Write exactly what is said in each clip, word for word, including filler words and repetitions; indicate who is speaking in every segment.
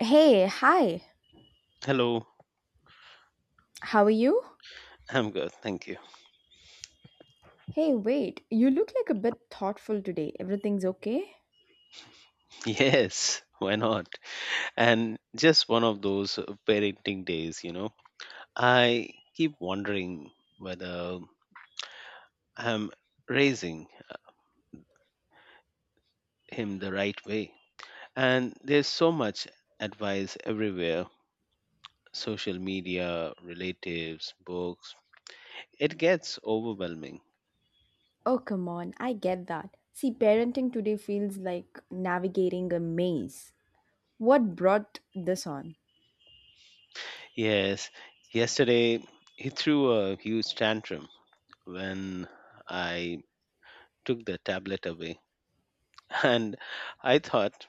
Speaker 1: Hey, hi.
Speaker 2: Hello,
Speaker 1: How are you?
Speaker 2: I'm good, thank you.
Speaker 1: Hey, wait. You look like a bit thoughtful today. Everything's okay?
Speaker 2: Yes, why not? And just one of those uh, parenting days, you know. I keep wondering whether I'm raising him the right way. And there's so much advice everywhere: social media, relatives, books. It gets overwhelming.
Speaker 1: Oh, come on. I get that. See, parenting today feels like navigating a maze. What brought this on?
Speaker 2: Yes, yesterday he threw a huge tantrum when I took the tablet away. And I thought,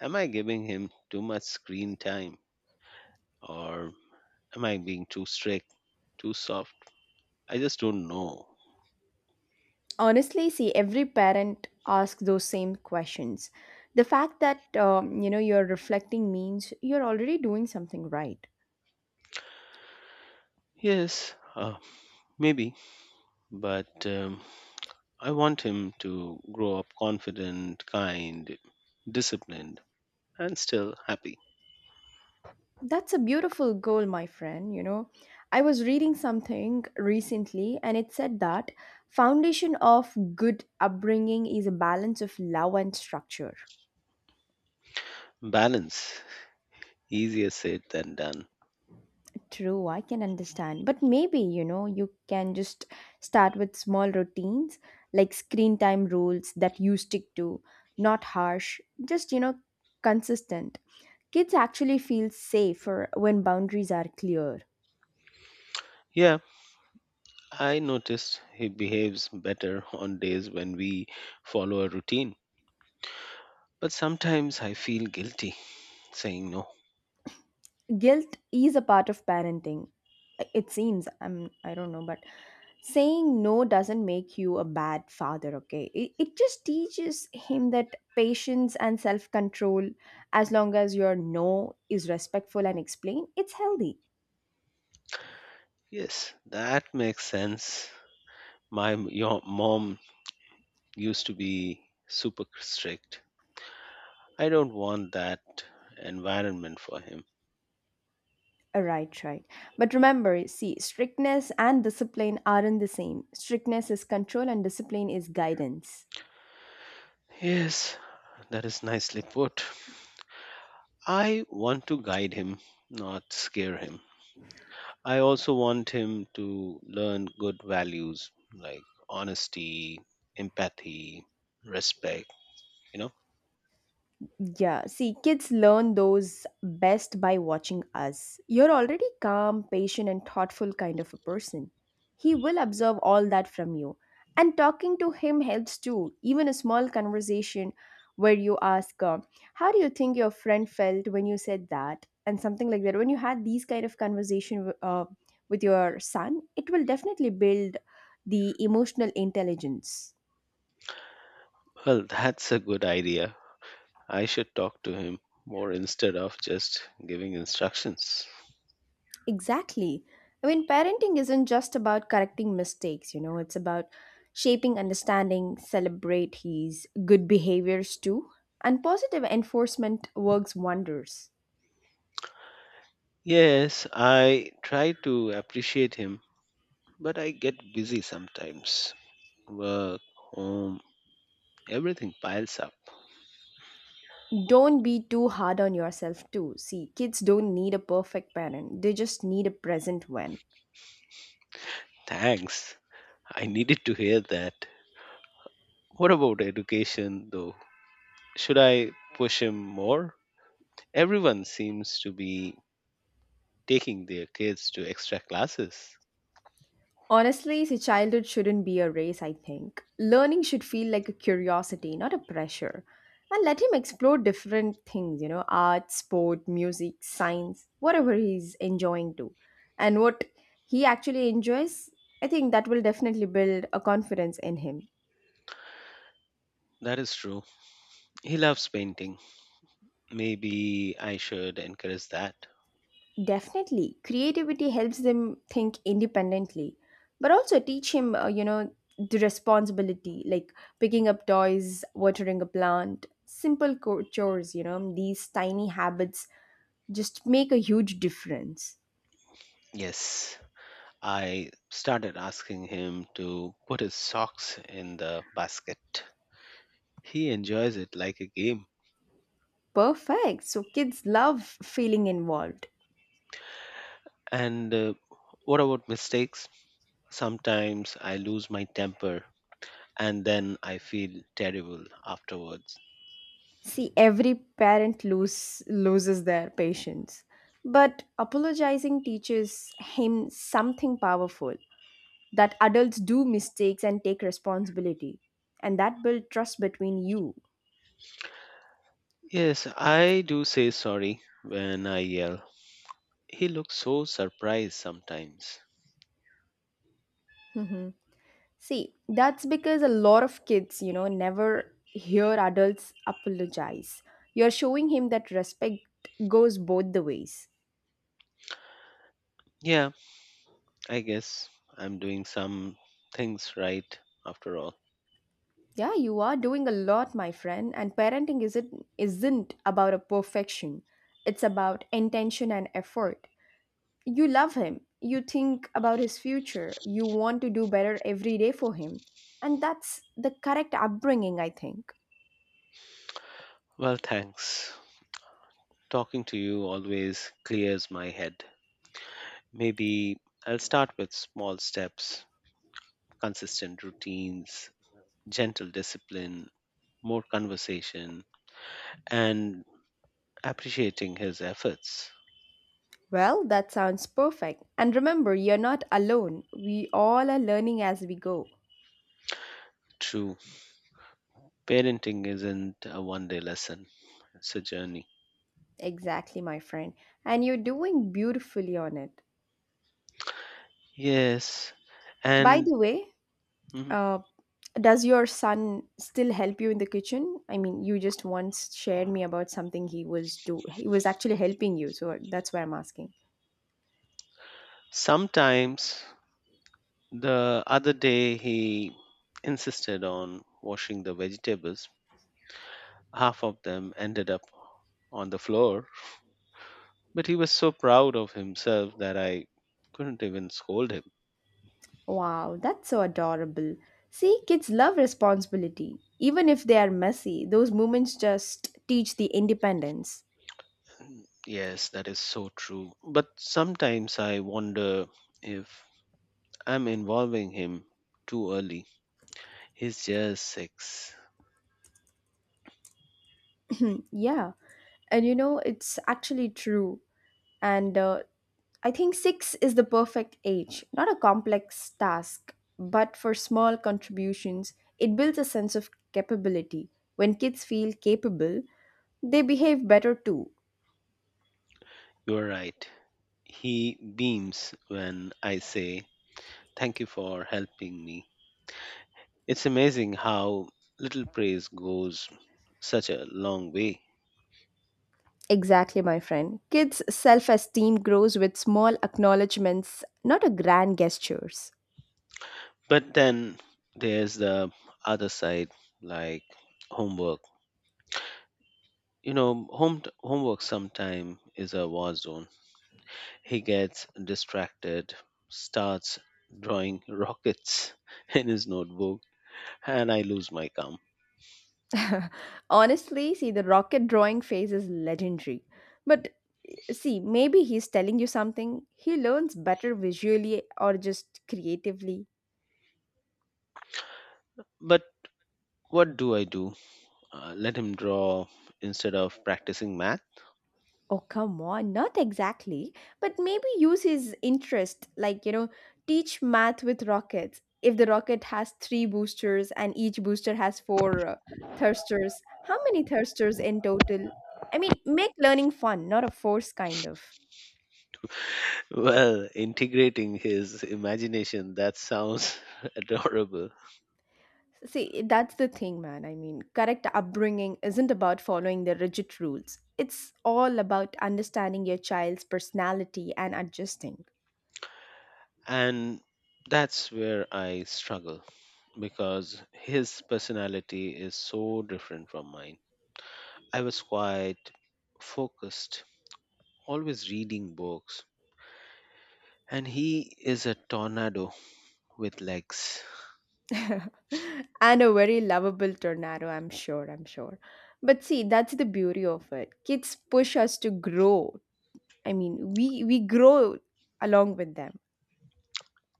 Speaker 2: "Am I giving him too much screen time, or am I being too strict, too soft? I just don't know."
Speaker 1: Honestly, see, every parent asks those same questions. The fact that um, you know you're reflecting means you're already doing something right.
Speaker 2: Yes, uh, maybe, but um, I want him to grow up confident, kind, disciplined, and still happy.
Speaker 1: That's a beautiful goal, my friend. You know, I was reading something recently and it said that foundation of good upbringing is a balance of love and structure.
Speaker 2: Balance, easier said than done.
Speaker 1: True, I can understand. But maybe, you know, you can just start with small routines like screen time rules that you stick to, not harsh, just, you know, consistent. Kids actually feel safer when boundaries are clear.
Speaker 2: Yeah, I noticed he behaves better on days when we follow a routine, but sometimes I feel guilty saying no.
Speaker 1: Guilt is a part of parenting. It seems i'm I don't know, but saying no doesn't make you a bad father. Okay, it, it just teaches him that patience and self-control. As long as your no is respectful and explained, it's healthy.
Speaker 2: Yes, that makes sense. My m- yo- mom used to be super strict. I don't want that environment for him.
Speaker 1: Uh, right right but remember, see, strictness and discipline aren't the same. Strictness is control and discipline is guidance.
Speaker 2: Yes, that is nicely put. I want to guide him, not scare him. I also want him to learn good values like honesty, empathy, respect, you know.
Speaker 1: Yeah, see, kids learn those best by watching us. You're already calm, patient, and thoughtful kind of a person. He will observe all that from you. And talking to him helps too. Even a small conversation where you ask, uh, How do you think your friend felt when you said that? And something like that. When you had these kind of conversation uh, with your son, it will definitely build the emotional intelligence.
Speaker 2: Well, that's a good idea. I should talk to him more instead of just giving instructions.
Speaker 1: Exactly. I mean, parenting isn't just about correcting mistakes, you know, it's about shaping understanding, celebrate his good behaviors too. And positive enforcement works wonders.
Speaker 2: Yes, I try to appreciate him, but I get busy sometimes. Work, home, everything piles up.
Speaker 1: Don't be too hard on yourself too. See, kids don't need a perfect parent, they just need a present one.
Speaker 2: Thanks. I needed to hear that. What about education, though? Should I push him more? Everyone seems to be taking their kids to extra classes.
Speaker 1: Honestly, see, childhood shouldn't be a race, I think. Learning should feel like a curiosity, not a pressure. And let him explore different things, you know, art, sport, music, science, whatever he's enjoying to. And what he actually enjoys, I think that will definitely build a confidence in him.
Speaker 2: That is true. He loves painting. Maybe I should encourage that.
Speaker 1: Definitely, creativity helps them think independently, but also teach him, uh, you know, the responsibility like picking up toys, watering a plant, simple co- chores, you know, these tiny habits just make a huge difference.
Speaker 2: Yes. I started asking him to put his socks in the basket. He enjoys it like a game.
Speaker 1: Perfect. So kids love feeling involved.
Speaker 2: And uh, what about mistakes? Sometimes I lose my temper and then I feel terrible afterwards.
Speaker 1: See, every parent lose, loses their patience, but apologizing teaches him something powerful, that adults do mistakes and take responsibility, and that build trust between you.
Speaker 2: Yes, I do say sorry when I yell. He looks so surprised sometimes.
Speaker 1: See, that's because a lot of kids, you know, never hear adults apologize. You're showing him that respect goes both the ways.
Speaker 2: Yeah, I guess I'm doing some things right after all.
Speaker 1: Yeah, you are doing a lot, my friend. And parenting isn't isn't about a perfection, it's about intention and effort. You love him. You think about his future. You want to do better every day for him. And that's the correct upbringing, I think.
Speaker 2: Well, thanks. Talking to you always clears my head. Maybe I'll start with small steps, consistent routines, gentle discipline, more conversation, and appreciating his efforts.
Speaker 1: Well, that sounds perfect. And remember, you're not alone. We all are learning as we go.
Speaker 2: True, parenting isn't a one day lesson, it's a journey.
Speaker 1: Exactly, my friend. And you're doing beautifully on it.
Speaker 2: Yes.
Speaker 1: By
Speaker 2: And,
Speaker 1: the way,
Speaker 2: mhm,
Speaker 1: uh, does your son still help you in the kitchen? I mean, you just once shared me about something he was do he was actually helping you, so that's why I'm asking.
Speaker 2: sometimes the other day he insisted on washing the vegetables, half of them ended up on the floor. But he was so proud of himself that I couldn't even scold him.
Speaker 1: Wow, that's so adorable. See, kids love responsibility. Even if they are messy, those moments just teach the independence.
Speaker 2: Yes, that is so true. But sometimes I wonder if I'm involving him too early. He's just six.
Speaker 1: Yeah. And you know, it's actually true. And uh, I think six is the perfect age, not a complex task, but for small contributions, it builds a sense of capability. When kids feel capable, they behave better too.
Speaker 2: You're right. He beams when I say, "Thank you for helping me." It's amazing how little praise goes such a long way.
Speaker 1: Exactly, my friend. Kids' self esteem grows with small acknowledgements, not a grand gestures.
Speaker 2: But then there's the other side, like homework. you know home homework sometime is a war zone. He gets distracted, starts drawing rockets in his notebook, and I lose my calm.
Speaker 1: Honestly, see, the rocket drawing phase is legendary. But see, maybe he's telling you something. He learns better visually or just creatively.
Speaker 2: But what do I do, uh, let him draw instead of practicing math?
Speaker 1: Oh, come on, not exactly, but maybe use his interest, like, you know, teach math with rockets. If the rocket has three boosters and each booster has four uh, thrusters, how many thrusters in total? I mean, make learning fun, not a force kind of.
Speaker 2: Well, integrating his imagination, that sounds adorable.
Speaker 1: See, that's the thing, man. I mean, correct upbringing isn't about following the rigid rules, it's all about understanding your child's personality and adjusting.
Speaker 2: And that's where I struggle, because his personality is so different from mine. I was quite focused, always reading books, and he is a tornado with legs.
Speaker 1: And a very lovable tornado, I'm sure, I'm sure. But see, that's the beauty of it. Kids push us to grow. I mean, we we grow along with them.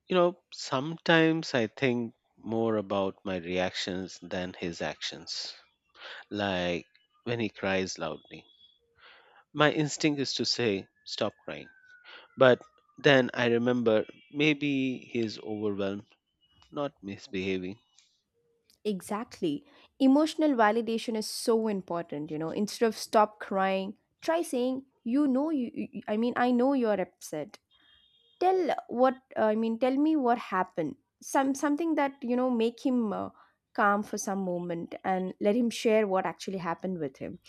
Speaker 2: You know, sometimes I think more about my reactions than his actions, like when he cries loudly. My instinct is to say, "Stop crying." But then I remember, maybe he is overwhelmed, not misbehaving.
Speaker 1: Exactly. Emotional validation is so important, you know. Instead of stop crying, try saying, "You know you, you I mean, I know you're upset. Tell what uh, I mean, tell me what happened." Some something that, you know, make him uh, calm for some moment and let him share what actually happened with him.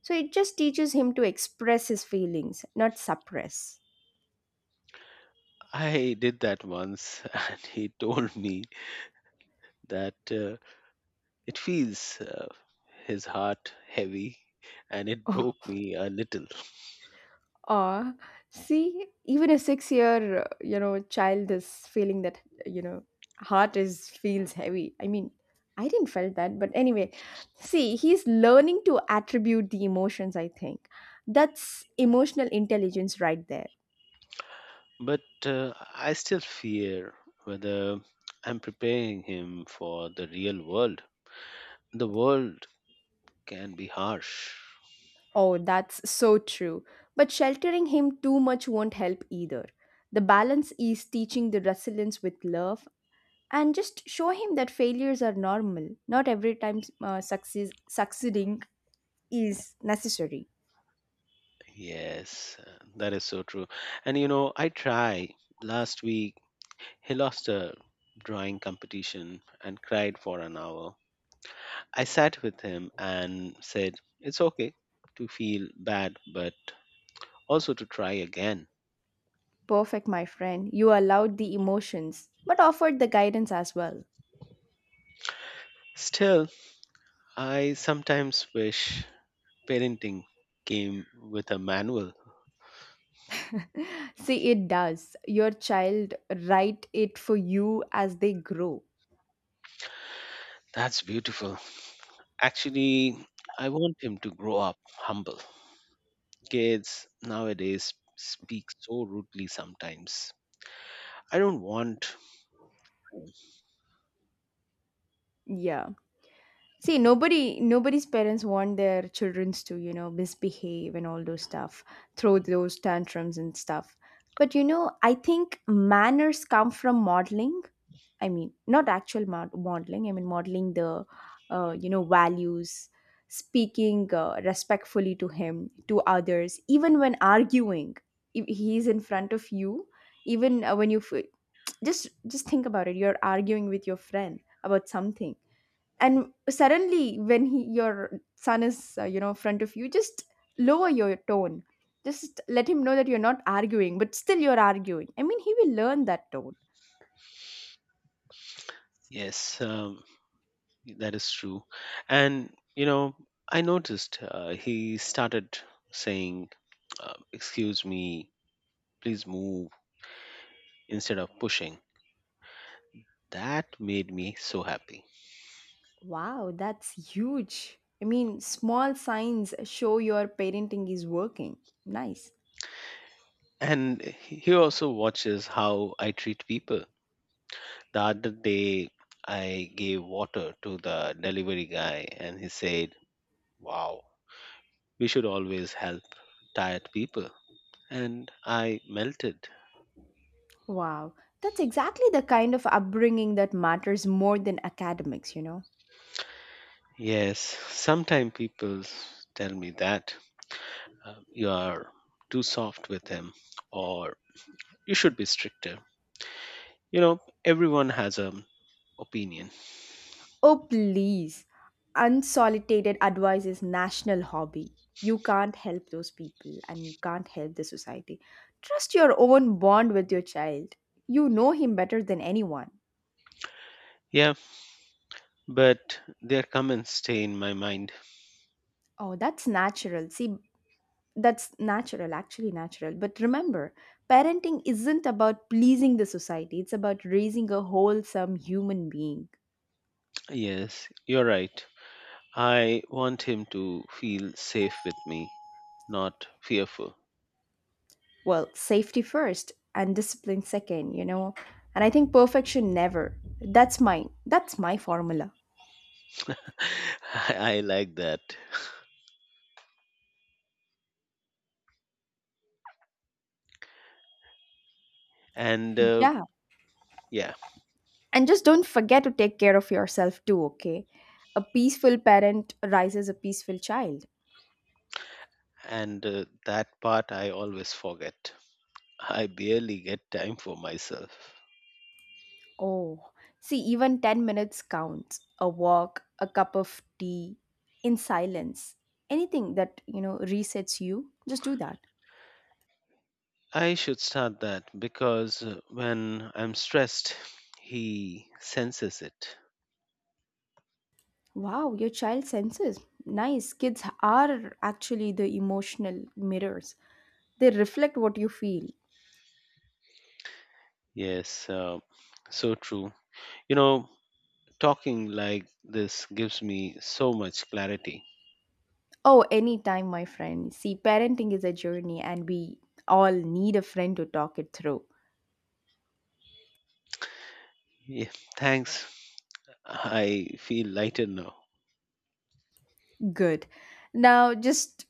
Speaker 1: So it just teaches him to express his feelings, not suppress.
Speaker 2: I did that once, and he told me that. Uh, It feels, uh, his heart heavy, and it broke me a little.
Speaker 1: Oh, aw. See, even a six-year, uh, you know, child is feeling that, you know, heart is feels heavy. I mean, I didn't felt that, but anyway, see, he's learning to attribute the emotions. I think that's emotional intelligence right there.
Speaker 2: But uh, I still fear whether I'm preparing him for the real world. The world can be harsh.
Speaker 1: Oh, that's so true. But sheltering him too much won't help either. The balance is teaching the resilience with love and just show him that failures are normal, not every time uh, success, succeeding is necessary.
Speaker 2: Yes, uh, that is so true. And you know, I try. Last week, he lost a drawing competition and cried for an hour. I sat with him and said, "It's okay to feel bad, but also to try again."
Speaker 1: Perfect, my friend. You allowed the emotions but offered the guidance as well.
Speaker 2: Still, I sometimes wish parenting came with a manual.
Speaker 1: See, it does. Your child write it for you as they grow.
Speaker 2: That's beautiful. Actually, I want him to grow up humble. Kids nowadays speak so rudely sometimes. I don't want.
Speaker 1: Yeah, see, nobody nobody's parents want their childrens to, you know, misbehave and all those stuff, throw those tantrums and stuff. But you know, I think manners come from modeling. I mean, not actual mod- modeling. I mean, modeling the, uh, you know, values, speaking uh, respectfully to him, to others, even when arguing. If he's in front of you, even uh, when you f- just just think about it, you're arguing with your friend about something, and suddenly when he your son is uh, you know, in front of you, just lower your tone. Just let him know that you're not arguing, but still you're arguing. I mean, he will learn that tone.
Speaker 2: Yes, um, that is true. And, you know, I noticed uh, he started saying, uh, "Excuse me, please move," instead of pushing. That made me so happy.
Speaker 1: Wow, that's huge. I mean, small signs show your parenting is working. Nice.
Speaker 2: And he also watches how I treat people. The other day, I gave water to the delivery guy, and he said, "Wow, we should always help tired people." And I melted.
Speaker 1: Wow, that's exactly the kind of upbringing that matters more than academics, you know.
Speaker 2: Yes, sometimes people tell me that, uh, you are too soft with him, or you should be stricter. You know, everyone has an opinion.
Speaker 1: Oh, please. Unsolicited advice is national hobby. You can't help those people and you can't help the society. Trust your own bond with your child. You know him better than anyone.
Speaker 2: Yeah, but their comments stay in my mind.
Speaker 1: Oh, that's natural. See, that's natural, actually natural. But remember, parenting isn't about pleasing the society, it's about raising a wholesome human being.
Speaker 2: Yes, you're right. I want him to feel safe with me, not fearful.
Speaker 1: Well, safety first and discipline second, you know. And I think perfection never. That's my that's my formula.
Speaker 2: I, I like that. And uh,
Speaker 1: Yeah,
Speaker 2: yeah,
Speaker 1: and just don't forget to take care of yourself too, okay? A peaceful parent raises a peaceful child.
Speaker 2: and uh, that part I always forget. I barely get time for myself.
Speaker 1: Oh, see, even ten minutes counts. A walk, a cup of tea, in silence. Anything that, you know, resets you, just do that.
Speaker 2: I should start that, because uh, when I'm stressed, he senses it.
Speaker 1: Wow, your child senses. Nice. Kids are actually the emotional mirrors, they reflect what you feel.
Speaker 2: Yes, uh, so true. You know, talking like this gives me so much clarity.
Speaker 1: Oh, anytime, my friend. See, parenting is a journey, and we all need a friend to talk it through.
Speaker 2: Yeah, thanks. I feel lighter now.
Speaker 1: Good. Now just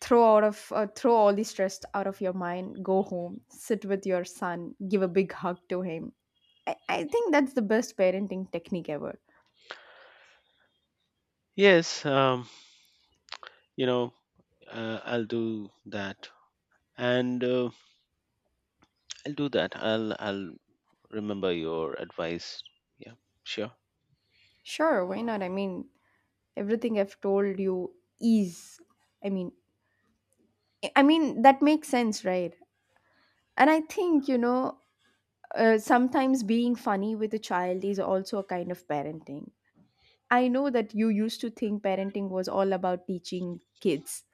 Speaker 1: throw out of uh, throw all the stress out of your mind. Go home, sit with your son, give a big hug to him. I, I think that's the best parenting technique ever.
Speaker 2: Yes, um, you know, uh, I'll do that, and uh, I'll do that. I'll I'll remember your advice. Yeah, sure.
Speaker 1: Sure, why not? I mean, everything I've told you is. I mean, I I mean that makes sense, right? And I think you know uh, sometimes being funny with a child is also a kind of parenting. I know that you used to think parenting was all about teaching kids.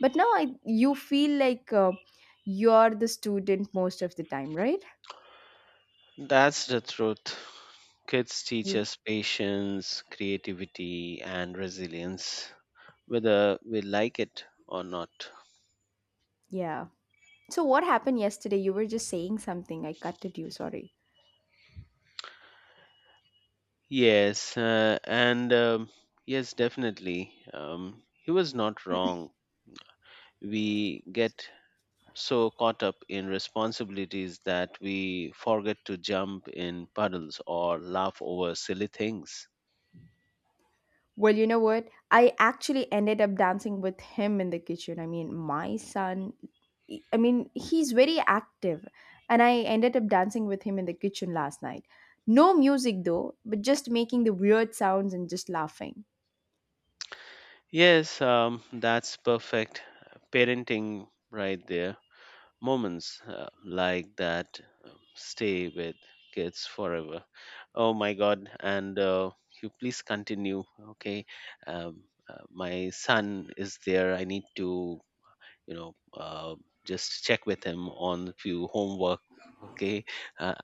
Speaker 1: But now I you feel like uh, you're the student most of the time, right?
Speaker 2: That's the truth. Kids teach
Speaker 1: Ye-
Speaker 2: us patience, creativity, and resilience, whether we like it or not.
Speaker 1: Yeah. So what happened yesterday? You were just saying something. I cutted you. Sorry.
Speaker 2: Yes, uh, and um, yes, definitely. Um, he was not wrong. We get so caught up in responsibilities that we forget to jump in puddles or laugh over silly things.
Speaker 1: Well, you know what? I actually ended up dancing with him in the kitchen. I mean, my son, I mean, he's very active. And I ended up dancing with him in the kitchen last night. No music though, but just making the weird sounds and just laughing.
Speaker 2: Yes, um, that's perfect parenting right there. Moments uh, like that uh, stay with kids forever. Oh my God! And uh, you please continue. Okay, um, uh, my son is there. I need to, you know, uh, just check with him on a few homework. Okay, uh,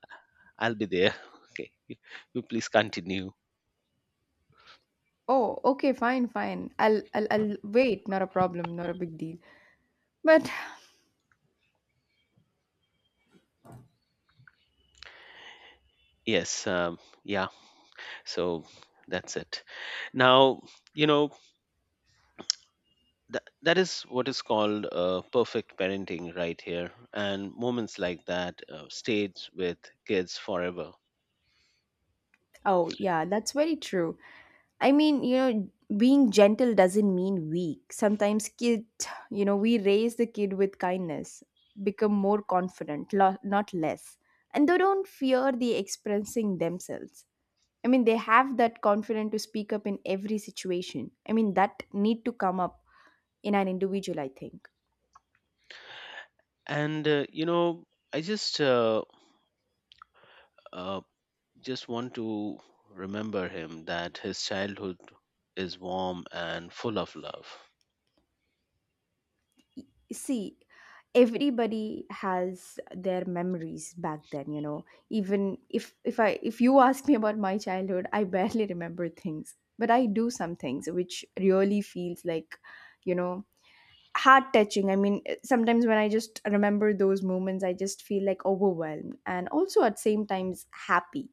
Speaker 2: I'll be there. Okay, you, you please continue.
Speaker 1: Oh, okay, fine, fine. I'll, I'll, I'll wait. Not a problem. Not a big deal. But
Speaker 2: Yes, um, yeah. So that's it. Now you know, th- that is what is called uh, perfect parenting right here, and moments like that uh, stayed with kids forever.
Speaker 1: Oh, yeah, that's very true. I mean, you know, being gentle doesn't mean weak. Sometimes kid, you know, we raise the kid with kindness, become more confident, lo- not less. And they don't fear the expressing themselves. I mean, they have that confidence to speak up in every situation. I mean, that need to come up in an individual, I think.
Speaker 2: And uh, you know, I just uh, uh, just want to remember him that his childhood is warm and full of love.
Speaker 1: see everybody has their memories back then. You know even if if i if you ask me about my childhood, I barely remember things, but I do some things which really feels like you know heart touching. I mean, eh, sometimes when I just remember those moments, I just feel like overwhelmed, and also at same times happy.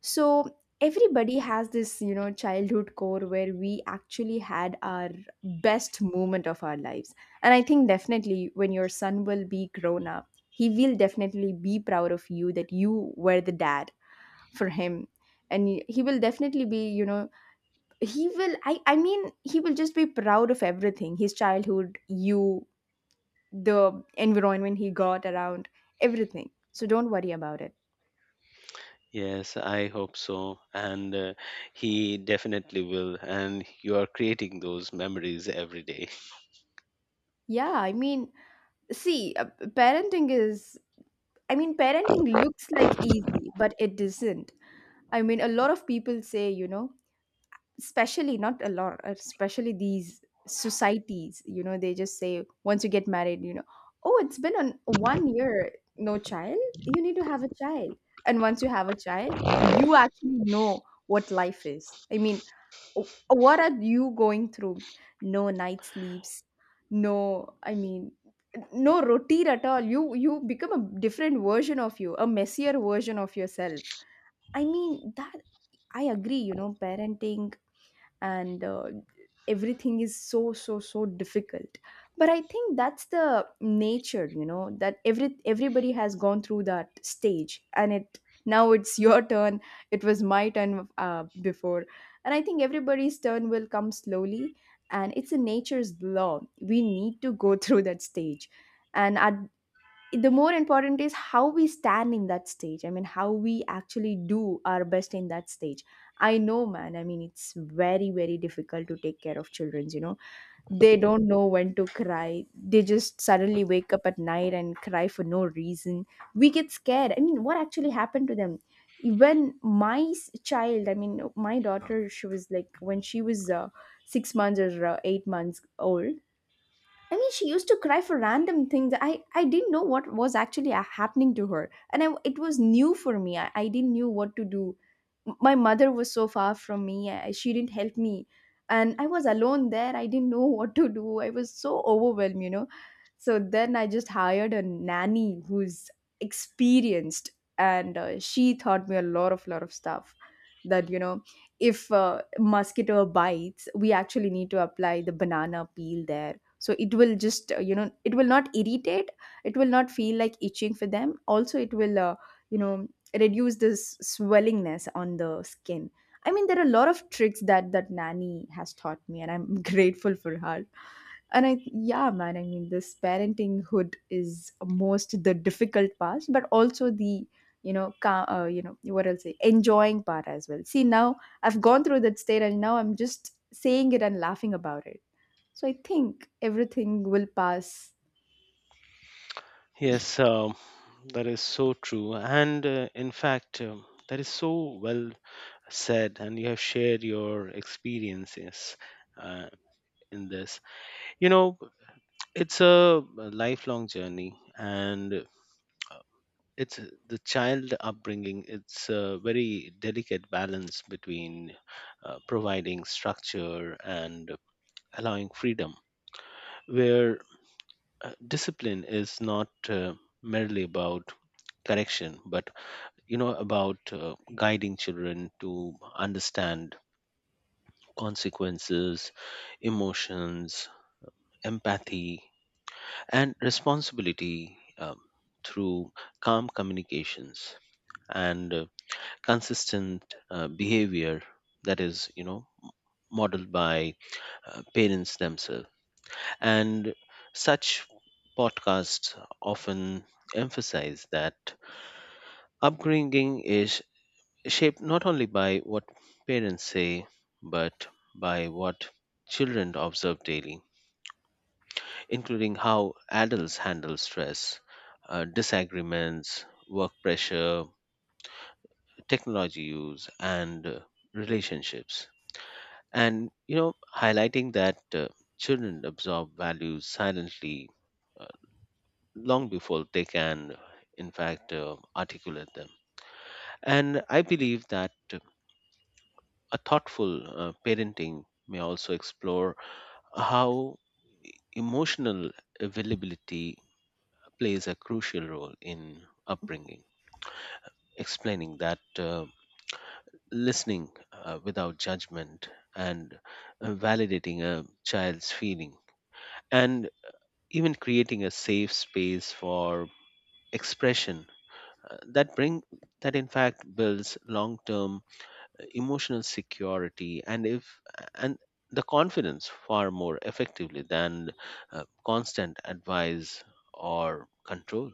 Speaker 1: So everybody has this, you know, childhood core where we actually had our best moment of our lives. And I think definitely when your son will be grown up, he will definitely be proud of you that you were the dad for him. And he he will definitely be, you know, he will, I, I mean, he will just be proud of everything, his childhood, you, the environment he got around, everything. So don't worry about it.
Speaker 2: Yes, I hope so. And uh, he definitely will. And you are creating those memories every day.
Speaker 1: Yeah, I mean, see, uh, parenting is I mean, parenting looks like easy, but it isn't. I mean, a lot of people say, you know, especially not a lot, uh, especially these societies, you know, they just say once you get married, you know, oh, it's been on one year, no child, you need to have a child. And once you have a child, you actually know what life is. I mean, what are you going through? No night sleeps, no i mean no routine at all. You you become a different version of you, a messier version of yourself. I mean that I agree, you know, parenting and uh, everything is so so so difficult. But I think that's the nature, you know, that every everybody has gone through that stage, and it now it's your turn. It was my turn, uh, before. And I think everybody's turn will come slowly, and it's a nature's law. We need to go through that stage. And at the more important is how we stand in that stage. I mean, how we actually do our best in that stage. I know, man. I mean, it's very very difficult to take care of children's, you know. They don't know when to cry. They just suddenly wake up at night and cry for no reason. We get scared. I mean, what actually happened to them? Even my s- child, I mean, my daughter, she was like when she was uh, six months or uh, eight months old. I mean, she used to cry for random things. I, I didn't know what was actually uh, happening to her. And I, it was new for me. I, I didn't knew what to do. M- My mother was so far from me. I, she didn't help me. And I was alone there. I didn't know what to do. I was so overwhelmed, you know. So then I just hired a nanny who's experienced. And uh, she taught me a lot of, lot of stuff that, you know, if a mosquito bites, we actually need to apply the banana peel there. So it will just, uh, you know, it will not irritate. It will not feel like itching for them. Also, it will, uh, you know, reduce this swellingness on the skin. I mean, there are a lot of tricks that that nanny has taught me, and I'm grateful for her. And I, yeah, man, I mean, this parentinghood is most the difficult part, but also the, you know, ca- uh, you know, what I'll say, enjoying part as well. See, now I've gone through that state and now I'm just saying it and laughing about it. So I think everything will pass.
Speaker 2: Yes, um, that is so true. And uh, in fact, um, that is so well said. And you have shared your experiences uh, in this. You know, it's a lifelong journey. And uh, it's, uh, the child upbringing, it's a very delicate balance between uh, providing structure and allowing freedom, where uh, discipline is not uh, merely about correction, but, you know, about uh, guiding children to understand consequences, emotions, empathy, and responsibility, um, through calm communications and uh, consistent uh, behavior that is, you know, modeled by uh, parents themselves. And such podcasts often emphasize that upbringing is shaped not only by what parents say, but by what children observe daily, including how adults handle stress, uh, disagreements, work pressure, technology use, and uh, relationships. And, you know, highlighting that uh, children absorb values silently long before they can, in fact, uh, articulate them. And I believe that a thoughtful uh, parenting may also explore how emotional availability plays a crucial role in upbringing, explaining that uh, listening uh, without judgment, and uh, validating a child's feeling, and even creating a safe space for expression, uh, that bring, that in fact builds long term emotional security, and if and the confidence, far more effectively than uh, constant advice or control.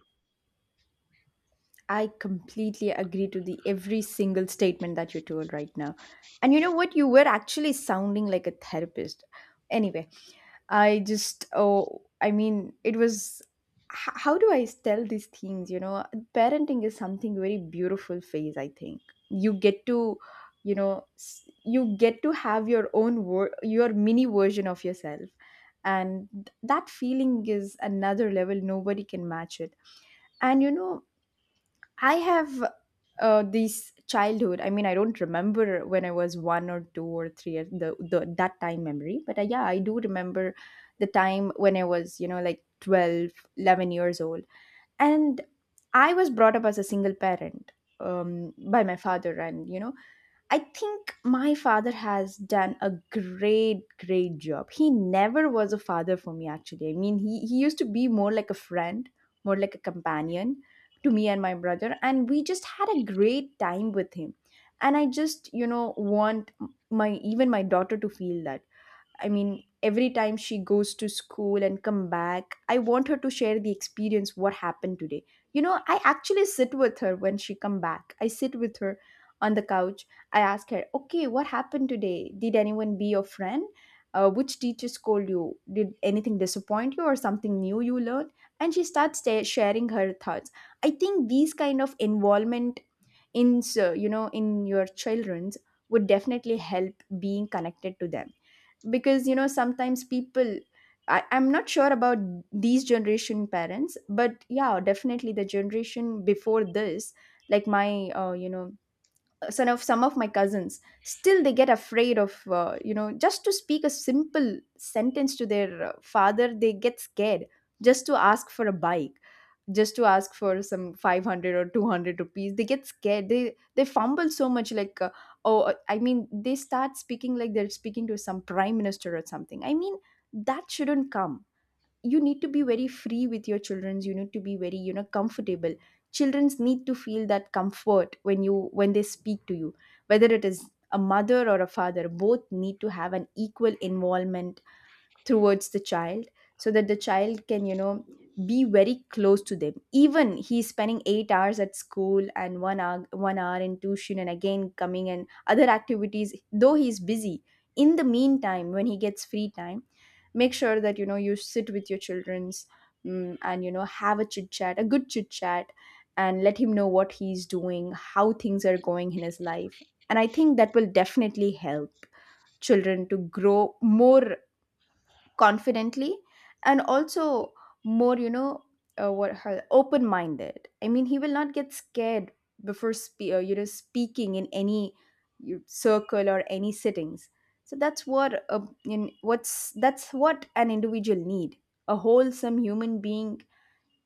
Speaker 1: I completely agree to the every single statement that you told right now. And you know what? You were actually sounding like a therapist. Anyway, I just, oh, I mean, it was. h- How do I tell these things? You know, parenting is something very beautiful phase. I think you get to, you know, s- you get to have your own wor- your mini version of yourself, and th- that feeling is another level. Nobody can match it. And you know, I have uh, this childhood. I mean, I don't remember when I was one or two or three, uh, the, the that time memory. But uh, yeah, I do remember the time when I was, you know, like twelve, eleven years old. And I was brought up as a single parent um, by my father. And, you know, I think my father has done a great, great job. He never was a father for me, actually. I mean, he, he used to be more like a friend, more like a companion to me and my brother. And we just had a great time with him. And I just, you know, want my even my daughter to feel that. I mean, every time she goes to school and come back, I want her to share the experience what happened today. You know, I actually sit with her when she come back. I sit with her on the couch. I ask her, "Okay, what happened today? Did anyone be your friend? Uh, which teacher scold you? Did anything disappoint you or something new you learned?" And she starts ta- sharing her thoughts. I think these kind of involvement in so, you know in your children's would definitely help being connected to them, because, you know, sometimes people, I, I'm not sure about these generation parents, but yeah, definitely the generation before this, like my uh, you know son of some of my cousins, still they get afraid of, uh, you know just to speak a simple sentence to their uh, father, they get scared, just to ask for a bike, just to ask for some five hundred or two hundred rupees. They get scared. They they fumble so much, like, uh, oh, uh, I mean, they start speaking like they're speaking to some prime minister or something. I mean, that shouldn't come. You need to be very free with your childrens. You need to be very, you know, comfortable. Childrens need to feel that comfort when you when they speak to you, whether it is a mother or a father. Both need to have an equal involvement towards the child, so that the child can, you know, be very close to them. Even he's spending eight hours at school and one hour one hour in tuition and again coming, and other activities, though he's busy. In the meantime, when he gets free time, make sure that, you know, you sit with your children's. Mm and, you know, have a chit chat, a good chit chat, and let him know what he's doing, how things are going in his life. And I think that will definitely help children to grow more confidently, and also more, you know uh, what her open minded. I mean, he will not get scared before spe- uh, you know speaking in any you- circle or any settings. So that's what a, in, what's that's what an individual need. A wholesome human being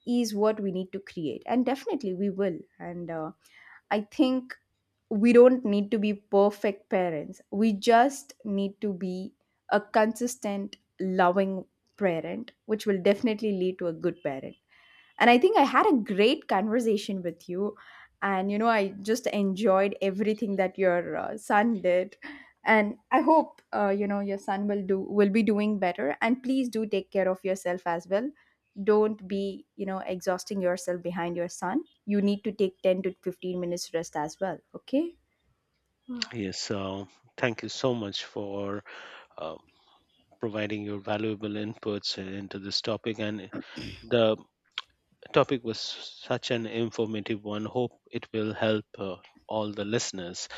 Speaker 1: is what we need to create, and definitely we will. And uh, I think we don't need to be perfect parents. We just need to be a consistent, loving parent, which will definitely lead to a good parent. And I think I had a great conversation with you. And, you know, I just enjoyed everything that your uh, son did. And I hope, uh, you know, your son will do, will be doing better. And please do take care of yourself as well. Don't be, you know, exhausting yourself behind your son. You need to take ten to fifteen minutes rest as well. Okay.
Speaker 2: Yes, so thank you so much for uh, providing your valuable inputs into this topic, and the topic was such an informative one. Hope it will help uh, all the listeners.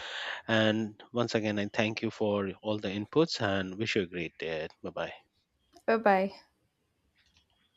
Speaker 2: And once again, I thank you for all the inputs and wish you a great day. Bye bye.
Speaker 1: Bye bye.